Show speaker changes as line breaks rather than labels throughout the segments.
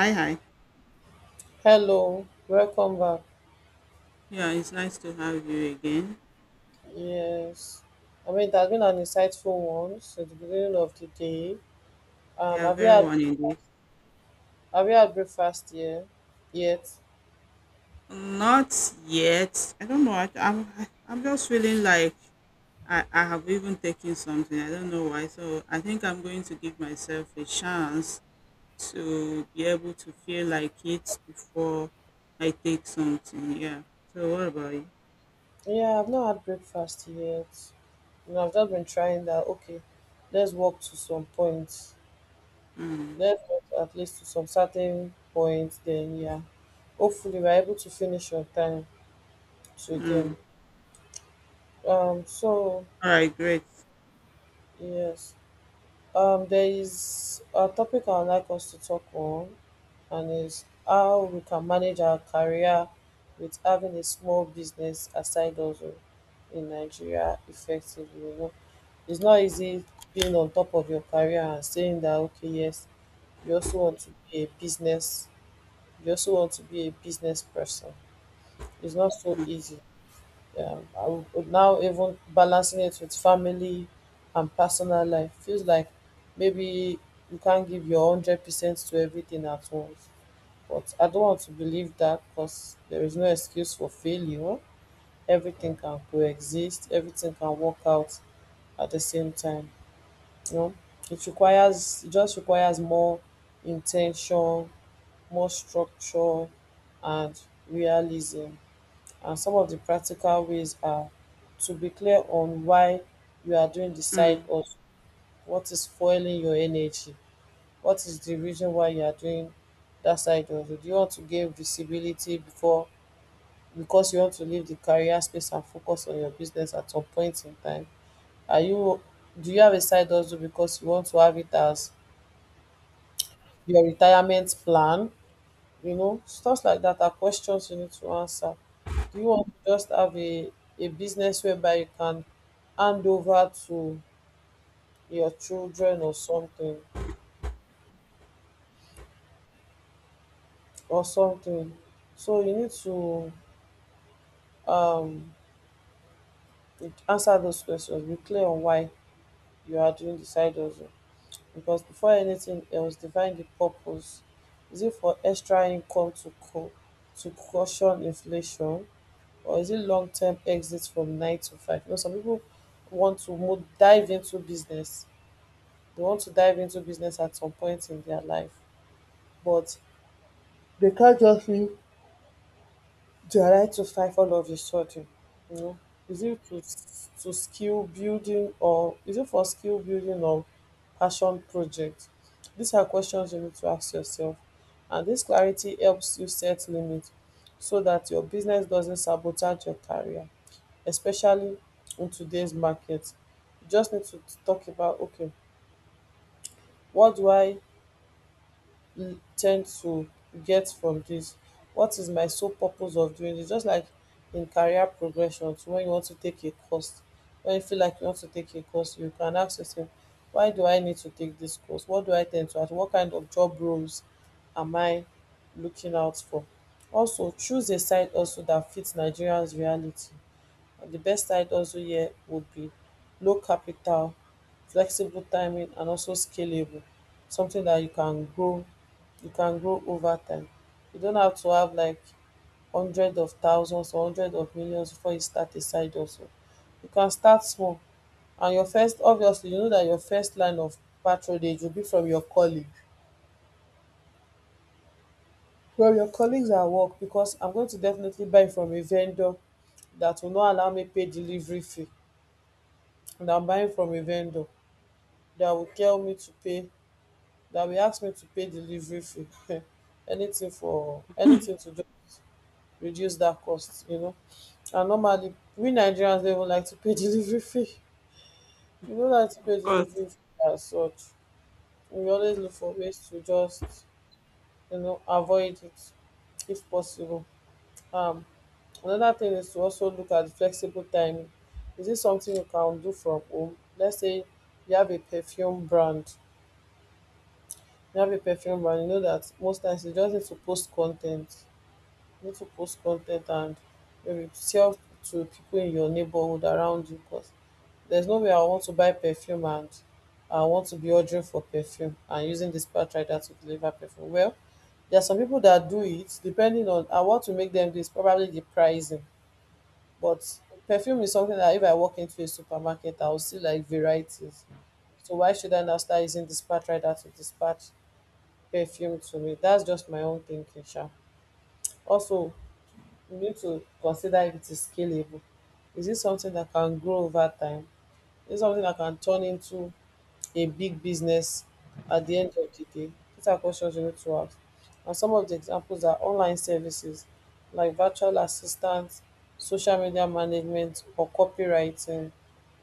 Hi, hi.
Hello, welcome back.
Yeah, it's nice to have you again.
Yes, I mean it has been an insightful one since the beginning of the day.
Yeah,
Have you
very
had
one indeed.
breakfast yet? Yet?
Not yet. I don't know. I'm just feeling like I have even taken something. I don't know why. So I think I'm going to give myself a chance to be able to feel like it before I take something. Yeah. So what about you?
Yeah, I've not had breakfast yet. You know, I've just been trying that. Okay, let's walk to some point.
Mm,
Let's walk at least to some certain point. Then yeah, hopefully we're able to finish on time today.
mm.
So
All right. Great.
yes. There is a topic I would like us to talk on, and is how we can manage our career with having a small business aside also in Nigeria effectively. You know, it's not easy being on top of your career and saying that okay, yes, you also want to be a business, you also want to be a business person. It's not so
Mm,
easy. Yeah, I would now even balancing it with family and personal life feels like maybe you can't give your 100% to everything at once. But I don't want to believe that because there is no excuse for failure. Everything can coexist. Everything can work out at the same time. You know, it just requires more intention, more structure, and realism and some of the practical ways are to be clear on why you are doing the side
mm.
hustle, what is fueling your energy, what is the reason why you are doing that side hustle. Do you want to gain visibility before because you want to leave the career space and focus on your business at some point in time? Are you do you have a side hustle because you want to have it as your retirement plan, you know, stuff like that are questions you need to answer. Do you want to just have a business whereby you can hand over to your children or something or something so you need to um answer those questions, be clear on why you are doing the side hustle, because before anything else define the purpose. Is it for extra income to to caution inflation, or is it long term exit from nine to five? You know, some people want to dive into business. They want to dive into business at some point in their life, but they can't just leave their nine to five all of a sudden. You know, is it to skill building, or is it for skill building or passion project? These are questions you need to ask yourself, and this clarity helps you set limits so that your business doesn't sabotage your career, especially in today's market. You just need to talk about okay, what do I tend to get from this? What is my sole purpose of doing this? Just like in career progression, so when you feel like you want to take a course, you can ask yourself, why do I need to take this course? What do I tend to ask? What kind of job roles am I looking out for? Also, choose a side also that fits Nigerians' reality. The best side also here would be low capital, flexible timing and also scalable, something that you can grow, over time. You don't have to have like hundreds of thousands or hundreds of millions before you start a side hustle. You can start small, and your first, obviously you know that your first line of patronage will be from your colleague from your colleagues at work, because I'm going to definitely buy from a vendor that will not allow me pay delivery fee, and I'm buying from a vendor that will tell me to pay, that will ask me to pay delivery fee anything for anything to do, reduce that cost, you know. And normally we Nigerians don't even like to pay delivery fee. We don't like to pay
Of
delivery
course.
fee As such, we always look for ways to just, you know, avoid it if possible. um Another thing is to also look at the flexible timing. Is it something you can do from home? Let's say you have a perfume brand. You know that most times you just need to post content. You need to post content and maybe sell to people in your neighborhood around you. Because there's no way I want to buy perfume and I want to be ordering for perfume and using this rider to deliver perfume. Well, there are some people that do it depending on I want to make them do is probably the pricing. But perfume is something that if I walk into a supermarket, I will see like varieties. So why should I now start using dispatch rider to dispatch perfume to me. That's just my own thinking, sha. Also, you need to consider if it is scalable. Is it something that can grow over time? Is it something that can turn into a big business at the end of the day? These are questions you need to ask. And some of the examples are online services like virtual assistants, social media management, or copywriting.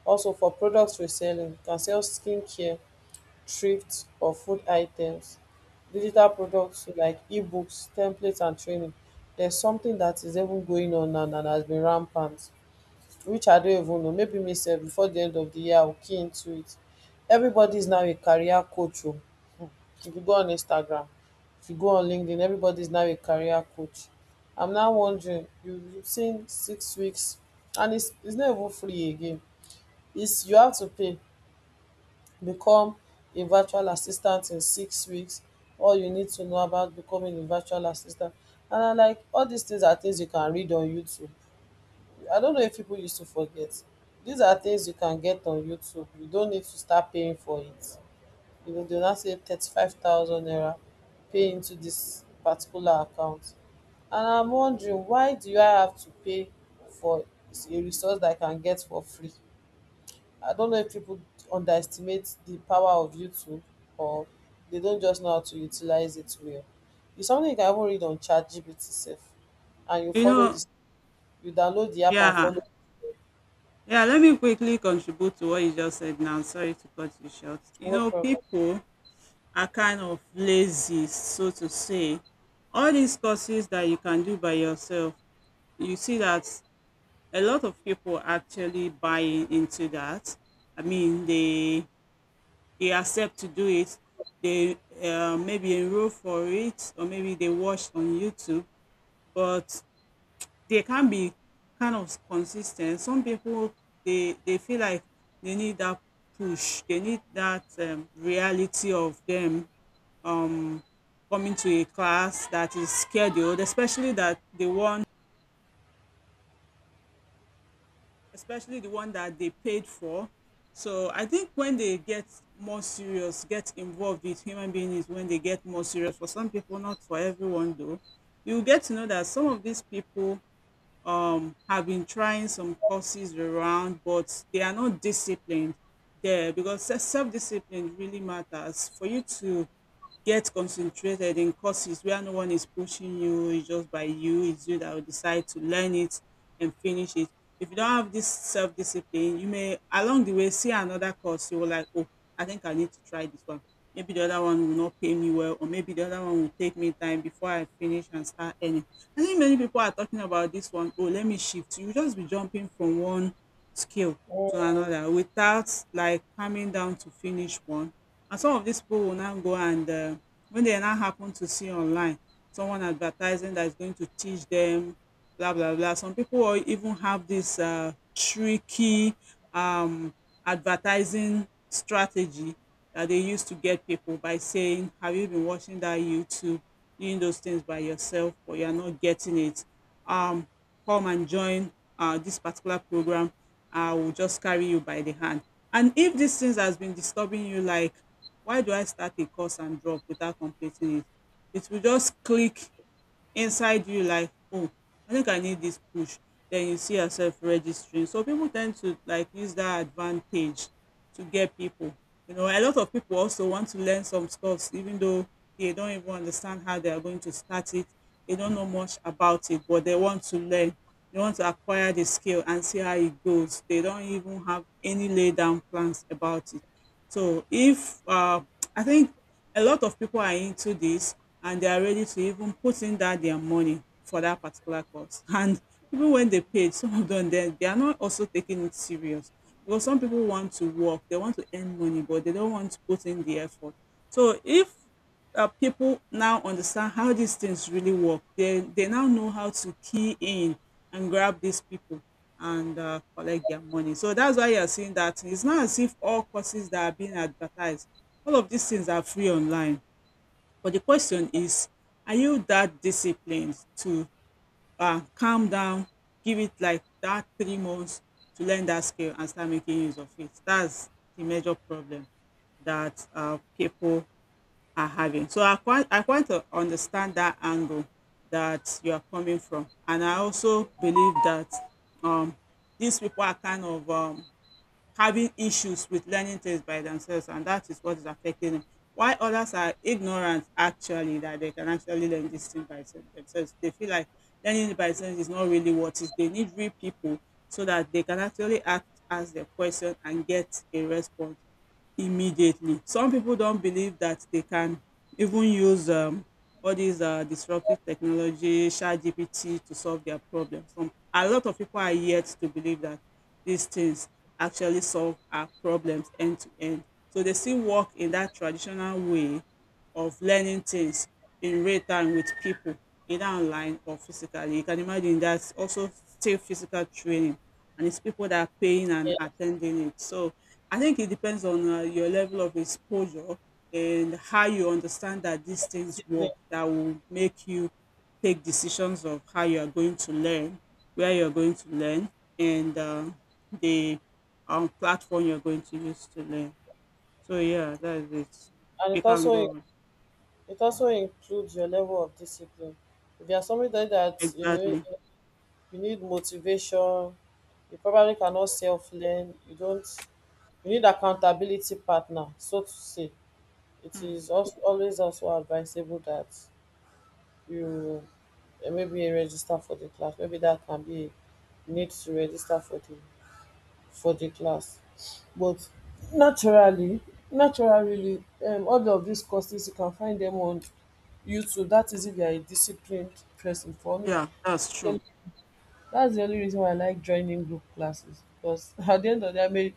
Also, for products reselling, you can sell skincare, thrift or food items, digital products like ebooks, templates and training. There's something that is even going on now and has been rampant, which I don't even know, maybe myself before the end of the year I'll key into it. Everybody is now a career coach. Oh, if you go on Instagram, if you go on LinkedIn, everybody is now a career coach. I'm now wondering, you've seen 6 weeks, and it's not even free again, it's you have to pay. Become a virtual assistant in 6 weeks, all you need to know about becoming a virtual assistant, and na like all these things are things you can read on YouTube. I don't know if people used to forget, these are things you can get on YouTube, you don't need to start paying for it. You go dey now say 35,000 naira, pay into this particular account, and I'm wondering why do I have to pay for a resource that I can get for free. I don't know if people underestimate the power of YouTube or they don't just know how to utilize it well. It's something you can even read on ChatGPT self, and you
You
follow
know.
this, you download the app and
Yeah.
follow.
Yeah, let me quickly contribute to what you just said now. Sorry to cut you short. You
No
know,
problem.
people are kind of lazy, so to say. All these courses that you can do by yourself, you see that a lot of people actually buy into that. I mean, they accept to do it. They maybe enroll for it, or maybe they watch on YouTube. But they can be kind of consistent. Some people they feel like they need that push. They need that reality of them um coming to a class that is scheduled, especially the one that they paid for. So I think when they get more serious, get involved with human beings when they get more serious. For some people, not for everyone though. You get to know that some of these people have been trying some courses around, but they are not disciplined there, because self discipline really matters for you to get concentrated in courses where no one is pushing you. It's just by you, it's you that will decide to learn it and finish it. If you don't have this self discipline, you may along the way see another course, you will like, oh, I think I need to try this one. Maybe the other one will not pay me well, or maybe the other one will take me time before I finish and start earning. I think many people are talking about this one. Oh, let me shift. You just be jumping from one skill
Mm,
to another without like coming down to finish one. And some of these people will now go and when they now happen to see online someone advertising that is going to teach them, blah blah blah. Some people will even have this tricky um, advertising strategy that they use to get people by saying, "Have you been watching that YouTube?" Doing those things by yourself, or you are not getting it. Um, come and join this particular program. I will just carry you by the hand. And if these things has been disturbing you, like, why do I start a course and drop without completing it? It will just click inside you like, oh, I think I need this push. Then you see yourself registering. So people tend to like use that advantage to get people. A lot of people also want to learn some stuffs, even though they don't even understand how they are going to start it. They don't know much about it, but they want to learn. They want to acquire the skill and see how it goes. They don't even have any laid down plans about it. So if I think a lot of people are into this, and they are ready to even put in that their money for that particular course. And even when they paid, some of them they are not also taking it serious, because some people want to work, they want to earn money, but they don't want to put in the effort. So if people now understand how these things really work, they now know how to key in and grab these people and collect their money. So that's why you're seeing that it's not as if all courses that are being advertised, all of these things are free online. But the question is, are you that disciplined to calm down, give it like that 3 months to learn that skill and start making use of it? That's the major problem that people are having. So I quite understand that angle that you are coming from, and I also believe that um, these people are kind of having issues with learning things by themselves, and that is what is affecting them, while others are ignorant actually that they can actually learn this thing by themselves. They feel like learning it by themselves is not really what is, they need real people so that they can actually act ask the question and get a response immediately. Some people don't believe that they can even use all these disruptive technology chat gpt to solve their problems. Some A lot of people are yet to believe that these things actually solve our problems end to end. So they still work in that traditional way of learning things in real time with people, either online or physically. You can imagine that's also still physical training, and it's people that are paying and
yeah,
attending it. So I think it depends on your level of exposure and how you understand that
your
these things
discipline,
work that will make you take decisions of how you are going to learn, where you are going to learn, and the platform you're going to use to learn. So yeah, that is it.
and
It can go on.
it also includes your level of discipline. If you are somebody that, you know,
Exactly.
you need motivation, you probably cannot self learn. You don't. You need accountability partner, so to say. It
Mm.
is also always also advisable that you maybe register for the class. Maybe that can be a need to register for the class. But naturally, naturally, all of these courses you can find them on YouTube. That is if you are a disciplined person. For me,
Yeah, that's true.
then that's the only reason why I like joining group classes, because at the end of the day, I may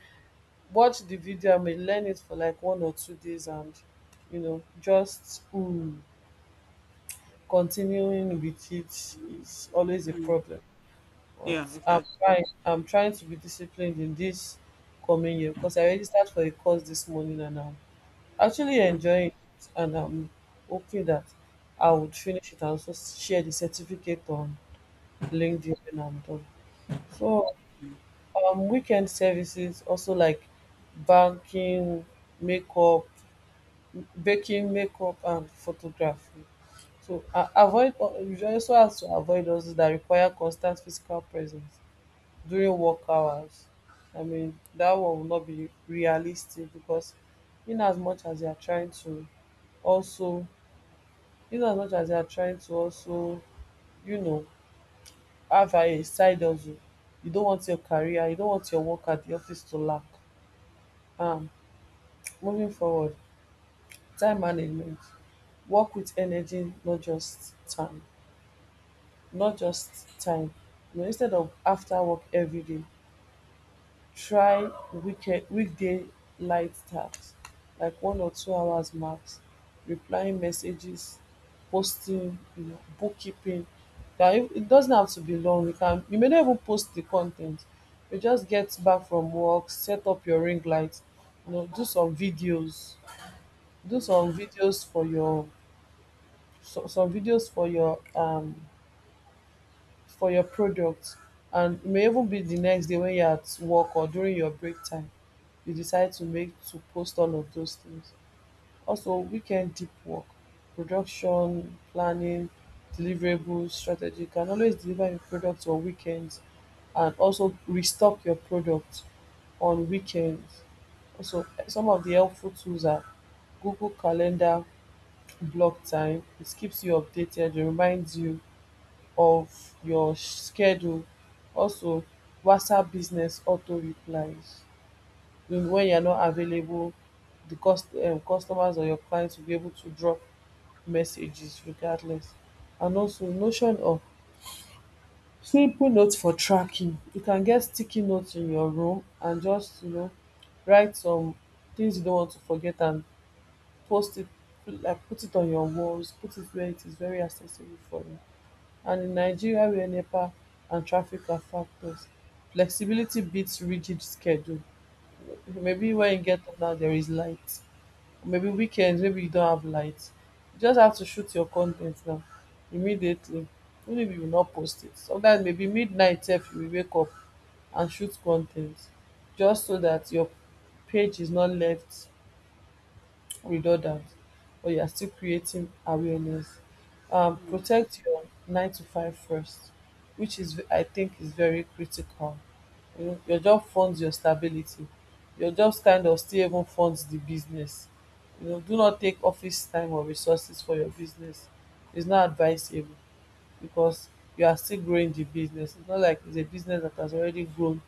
watch the video, I may learn it for like 1 or 2 days, and you know, just continuing with it is always a
Mm.
problem. But
Yeah,
I'm
exactly.
trying. I'm trying to be disciplined in this coming year because I registered for a course this morning and I'm actually
Mm.
enjoying it and I'm hoping that I would finish it and also share the certificate on LinkedIn when I'm done. So weekend services also like banking, makeup, baking, makeup and photography. So avoid you also have to avoid hustles that require constant physical presence during work hours. I mean that one will not be realistic because in as much as you are trying to also in as much as you are trying to also, you know, have a side hustle, you don't want your work at the office to lack. Um moving forward, time management. Work with energy, not just time, you know, instead of after work every day try weekend weekday light tasks like 1 or 2 hours max, replying messages, posting, you know, bookkeeping. That It doesn't have to be long. You can, you may not even post the content. You just get back from work, set up your ring light, you know, do some videos, do some videos for your some videos for your product, and e may even be the next day when you're at work or during your break time you decide to make to post all of those things. Also weekend deep work, production, planning, deliverables, strategy. You can always deliver your products on weekends and also restock your product on weekends. Also some of the helpful tools are Google calendar block time. It keeps you updated, it reminds you of your schedule. Also WhatsApp business auto replies when you're not available, the customers or your clients will be able to drop messages regardless. And also Notion of simple notes for tracking. You can get sticky notes in your room and just you know write some things you don't want to forget and post it, like put it on your walls, put it where it is very accessible for you. And in Nigeria where NEPA and traffic are factors, flexibility beats rigid schedule. Maybe when you get up now there is light. Maybe weekends, maybe you don't have light. You just have to shoot your content now immediately. Even if you will not post it. Sometimes maybe midnight if you will wake up and shoot content, just so that your page is not left with redundant, but you are still creating awareness.
Mm.
Protect your nine to five first, which is I think is very critical. You know, your job funds your stability. Your job kind of still even funds the business. You know, do not take office time or resources for your business. It's not advisable, because you are still growing the business. It's not like it's a business that has already grown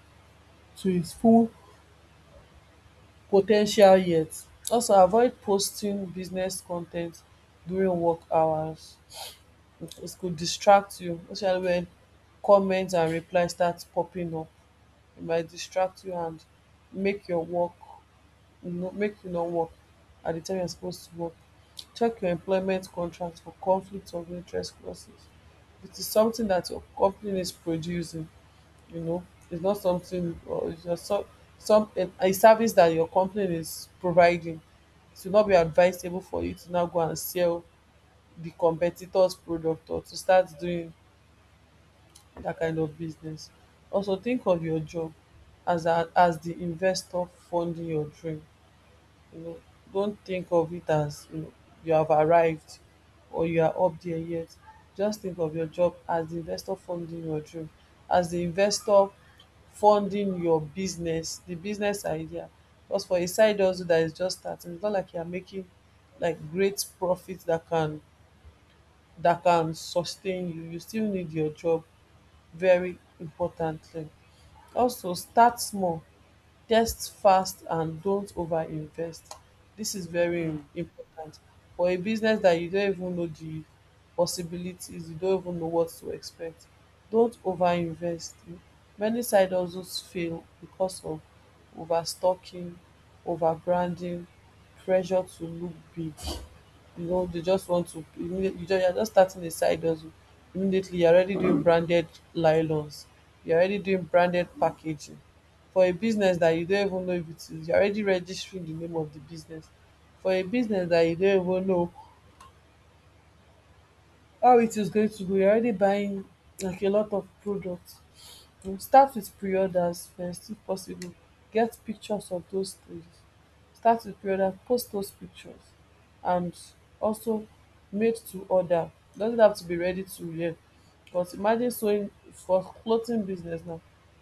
to its full po ten tial yet. Also, avoid posting business con ten t during work hours. It could distract you, especially when comments and replies start popping up. It might distract you and make your work, no, make you not work at di time you suppose to work. Check your employment contract for conflict of interest clauses. It is something that your company is producing, you know, it's not something, or it's just some a service that your company is providing, it will not be advisable for you to now go and sell the competitor's product or to start doing that kind of business. Also, think of your job as a as the investor funding your dream. You know, don't think of it as, you know, you have arrived or you are up there yet. Just think of your job as the investor funding your dream, as the investor funding your business, the business idea. Because for a side hustle that is just starting, it's not like you are making like great profits that can sustain you. You still need your job very importantly. Also start small. Test fast and don't overinvest. This is very
Mm.
important. For a business that you don't even know the possibilities, you don't even know what to expect. Don't overinvest. Many side hustles fail because of overstocking, overbranding, pressure to look big. You know, they just want to immediately, you just, you're just starting a side hustle, immediately you're already doing branded nylons, you're already doing branded packaging for a business that you don't even know if it is, you're already registering the name of the business for a business that you don't even know how it is going to go, you're already buying like a lot of products. Start with pre-orders first if possible. Get pictures of those things, start with pre-order, post those pictures. And also made to order, doesn't have to be ready to wear. But imagine sewing for clothing business now,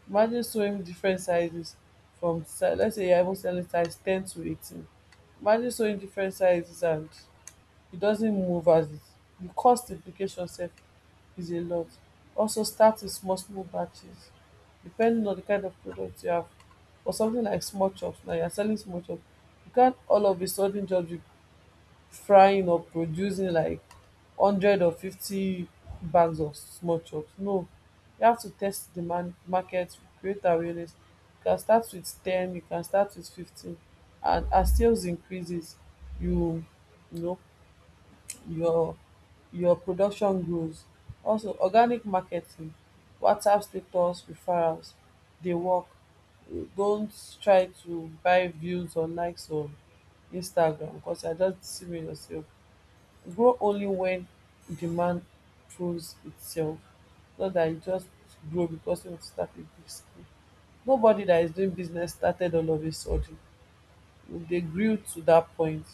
imagine sewing different sizes. Let's say you're even selling size 10 to 18, imagine sewing different sizes and it doesn't move as it, the cost implication sef is a lot. Also start with small small batches depending on the kind of product you have. For something like small chops now, you're selling small chops. You can't all of a sudden just be frying or producing like 100 or 50 bags of small chops. No, you have to test the market, create awareness. You can start with 10, you can start with 15 and as sales increases, you you know, your your production grows. Also organic marketing, WhatsApp status referrals, they work. Don't try to buy views or likes on Instagram because you are just deceiving yourself. Grow only when demand proves itself. Not that you just grow because you want to start a big scale. Nobody that is doing business started all of a sudden, they grew to that point.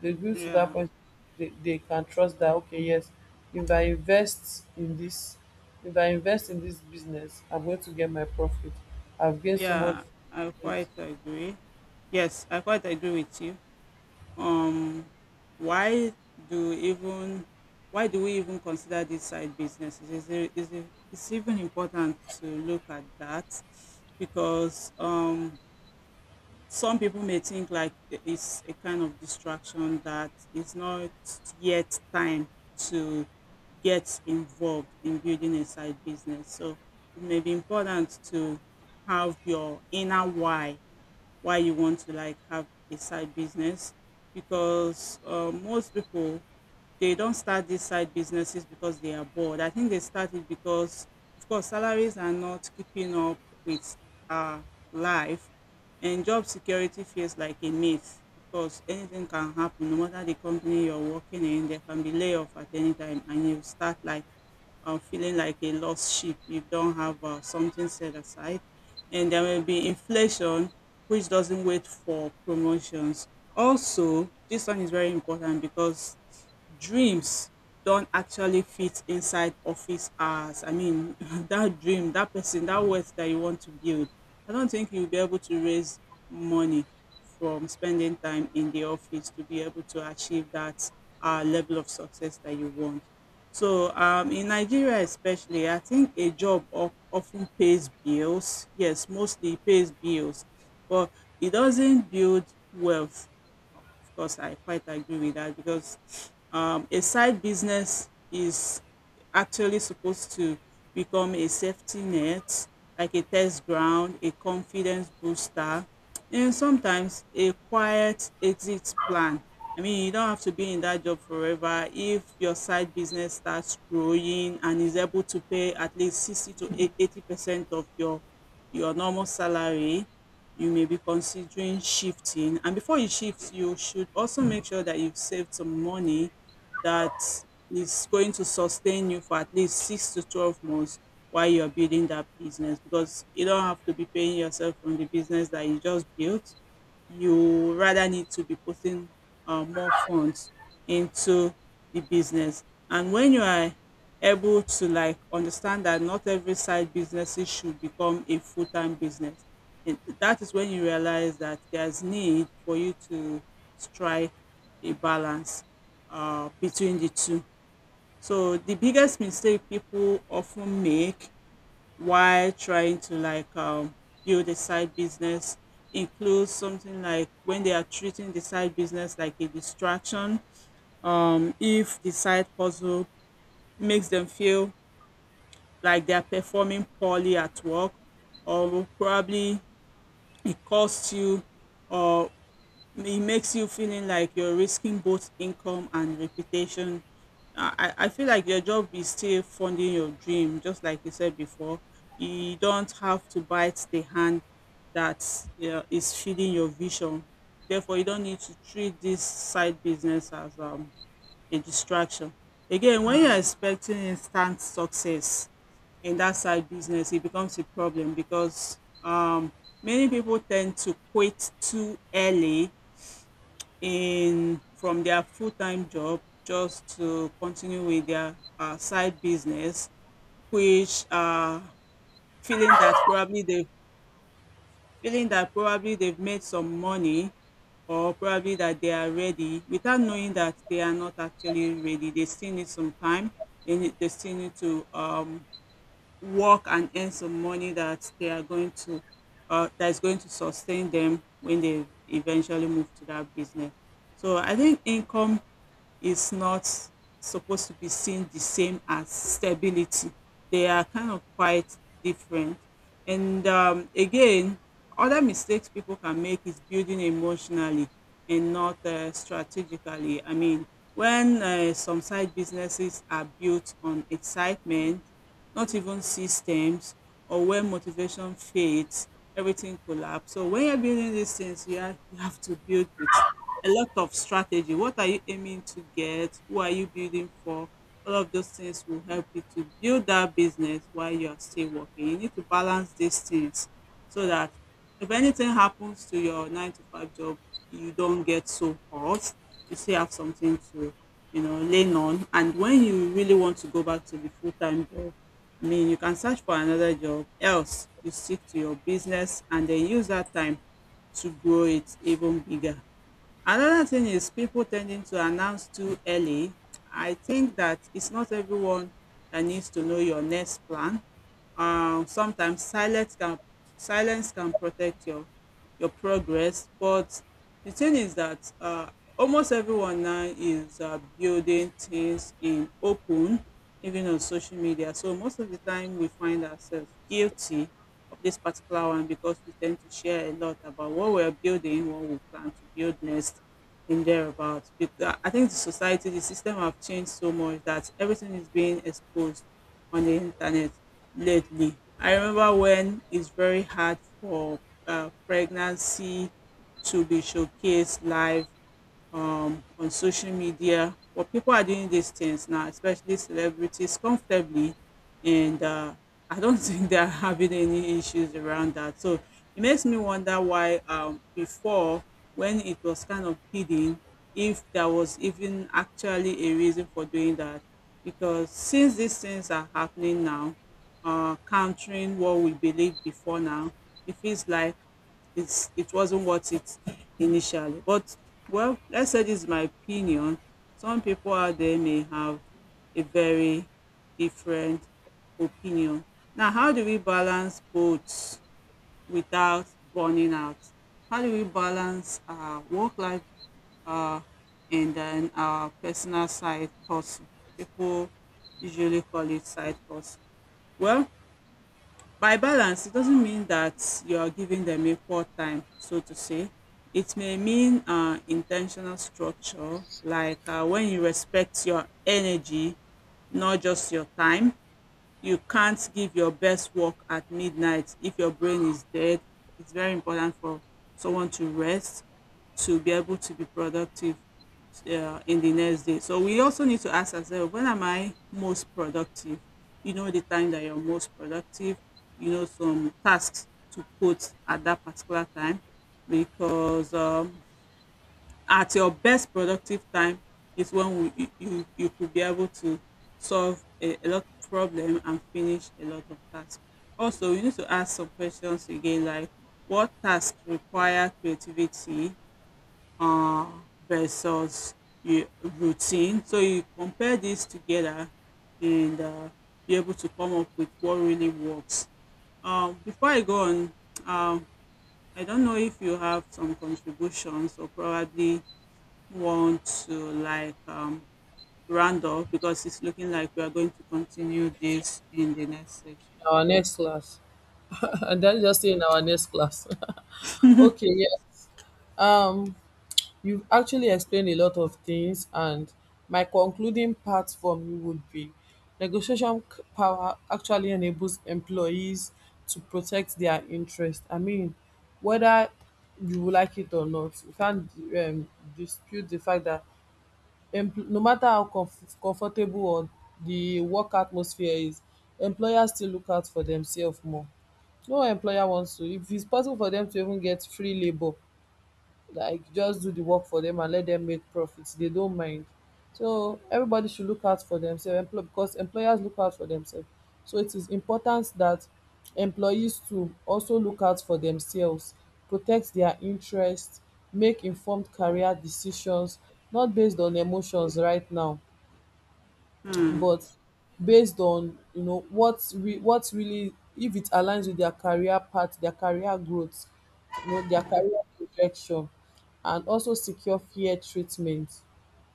They grew to that
Yeah,
point. They can trust that, okay, yes, if I invest in this, if I invest in this business, I'm going to get my profit. I've gained so much
yeah, I
from it.
quite agree. Yes, I quite agree with you. Um, why do even why do we even consider these side businesses? Is it it's even important to look at that, because some people may think like it's a kind of distraction, that it's not yet time to get involved in building a side business. So it may be important to have your inner why you want to like have a side business, because most people, they don't start these side businesses because they are bored. I think they started because, of course, salaries are not keeping up with our life, and job security feels like a myth. Of course, anything can happen. No matter the company you're working in, there can be layoff at any time, and you start like feeling like a lost sheep if you don't have something set aside. And there will be inflation, which doesnch doesn't wait for promotions. Also, this one is very important because dreams don't actually fit inside office hours. I mean, that dream, that person, that wealth that you want to build, I don't think you'll be able to raise money from spending time in the office to be able to achieve that level of success that you want. So, in Nigeria especially, I think a job often pays bills. Yes, mostly it pays bills, but it doesn't build wealth. Of course, I quite agree with that, because a side business is actually supposed to become a safety net, like a test ground, a confidence booster, and sometimes a quiet exit plan. I mean, you don't have to be in that job forever. If your side business starts growing and is able to pay at least 60 to 80% of your normal salary, you may be considering shifting. And before you shift, you should also make sure that you've saved some money that is going to sustain you for at least 6 to 12 months while you're building that business, because you don't have to be paying yourself from the business that you just built. You rather need to be putting more funds into the business. And when you are able to like understand that not every side businesses should become a full-time business, and that is when you realize that there's need for you to strike a balance between the two. So the biggest mistake people often make while trying to like build a side business includes something like when they are treating the side business like a distraction. If the side hustle makes them feel like they are performing poorly at work, or probably it costs you, or it makes you feeling like you're risking both income and reputation. I feel like your job is still funding your dream, just like you said before. You don't have to bite the hand that is feeding your vision. Therefore, you don't need to treat this side business as a distraction. Again, when you're expecting instant success in that side business, it becomes a problem because many people tend to quit too early in from their full-time job just to continue with their side business which feeling that probably they feeling that probably they've made some money, or probably that they are ready without knowing that they are not actually ready. They still need some time. They still need to work and earn some money that they are going to that is going to sustain them when they eventually move to that business. So I think income is not supposed to be seen the same as stability. They are kind of quite different. And again, other mistakes people can make is building emotionally and not strategically. I mean, when some side businesses are built on excitement, not even systems, or when motivation fades, everything collapse. So when you're building these things, you have to build with a lot of strategy. What are you aiming to get? Who are you building for? All of those things will help you to build that business while you are still working. You need to balance these things so that if anything happens to your nine to five job, you don't get so hot. You still have something to, you know, lean on. And when you really want to go back to the full time job, I mean, you can search for another job. Else, you stick to your business and then use that time to grow it even bigger. Another thing is people tending to announce too early. I think that it's not everyone that needs to know your next plan. Sometimes silence can protect your progress. But the thing is that almost everyone now is building things in open, even on social media. So most of the time we find ourselves guilty of this particular one, because we tend to share a lot about what we're building, what we plan to build next, and thereabouts. I think the society, the system have changed so much that everything is being exposed on the internet lately. I remember when it's very hard for pregnancy to be showcased live on social media. But people are doing these things now, especially celebrities, comfortably, and I don't think they're having any issues around that. So it makes me wonder why before, when it was kind of hidden, if there was even actually a reason for doing that. Because since these things are happening now, countering what we believed before now, it feels like it wasn't worth it initially. But well, let's say this is my opinion. Some people out there may have a very different opinion. Now, how do we balance both without burning out? How do we balance our work life uh, and then our personal side hustle? People usually call it side hustle. Well, by balance, it doesn't mean that you are giving them equal time, so to say. It may mean intentional structure, like when you respect your energy, not just your time. You can't give your best work at midnight if your brain is dead. It's very important for someone to rest to be able to be productive in the next day. So we also need to ask ourselves, when am I most productive? You know, the time that you're most productive, you know, some tasks to put at that particular time, because at your best productive time is when you could be able to solve a lot of problem and finish a lot of tasks. Also, you need to ask some questions again like what tasks require creativity uh, versus your routine. So you compare these together and be able to come up with what really works. Before I go on, um, I don't know if you have some contributions or probably want to round off, because it's looking like we are going to continue this in the next section.
Our next class. And
Hmm.
that's just in our next class.
Hmm.
Okay, yeah. Um, you've actually explained a lot of things, and my concluding part from you would be negotiation power actually enables employees to protect their interest. I mean, whether you will like it or not, you can't um, dispute the fact that no matter how comfortable or the work atmosphere is, employers still look out for themselves more. No employer wants to, if it's possible for them to even get free labor, like just do the work for them and let them make profits, they don't mind. So everybody should look out for themselves. Because employers look out for themselves, so it is important that employees to also look out for themselves, protect their interests, make informed career decisions, not based on emotions right now,
Hmm.
but based on you know what what really, if it aligns with their career path, their career growth, you know, their career projection, and also secure fair treatment.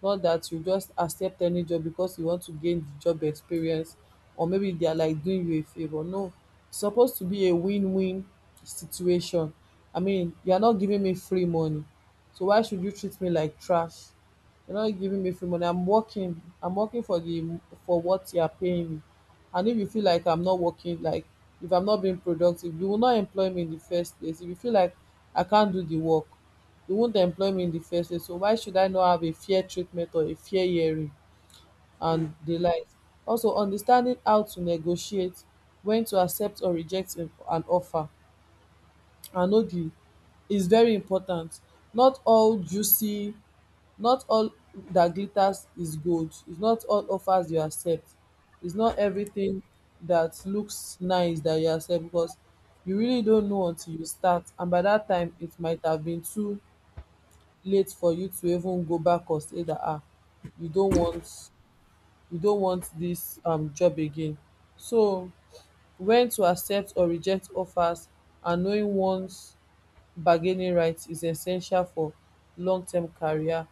Not that you just accept any job because you want to gain the job experience, or maybe they are like doing you a favor. No, it's supposed to be a win-win situation. I mean, you are not giving me free money, so why should you treat me like trash? You're not giving me free money. I'm working. I'm working for the, for what you are paying me. And if you feel like I'm not working, like if I'm not being productive, you will not employ me in the first place. If you feel like I can't do the work, you won't employ me in the first place. So why should I not have a fair treatment or a fair hearing and the likes? Also, understanding how to negotiate, when to accept or reject an offer, and know the is very important. Not all juicy, not all that glitters is gold. It's not all offers you accept, it's not everything that looks nice that you accept, because you really don't know until you start. And by that time, it might have been too late for you to even go back or say that ah, you don't want you don't want this job again. So when to accept or reject offers and knowing one's bargaining rights is essential for long-term career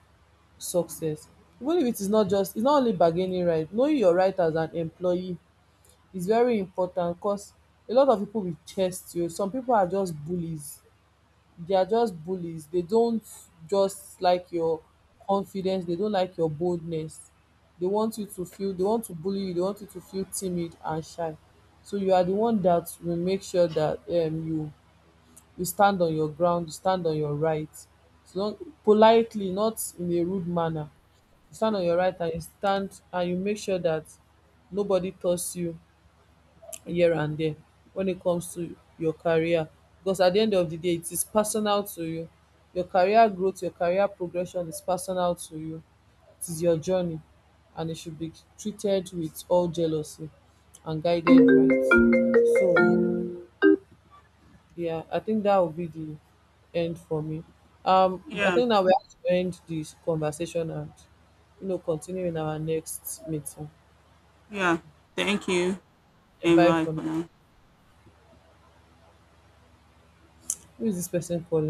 success. Even if it is not just, it's not only bargaining right, knowing your right as an employee is very important, cause a lot of people will test you. Some people are just bullies, they are just bullies. They don't just like your confidence, they don't like your boldness. They want you to feel, they want to bully you, they want you to feel timid and shy. So you are the one that will make sure that you, you stand on your ground, you stand on your right. So don't, politely, not in a rude manner, stand on your right and you stand and you make sure that nobody toss you here and there when it comes to your career. Because at the end of the day, it is personal to you. Your career growth, your career progression is personal to you. It is your journey, and it should be treated with all jealousy and guided right. So yeah, I think that will be the end for me. I
Yeah,
think now we have to end this conversation and you know continue in our next meeting.
yeah. Thank you
Yeah,
and
bye
bye
for now.
for now.
Who is this person calling?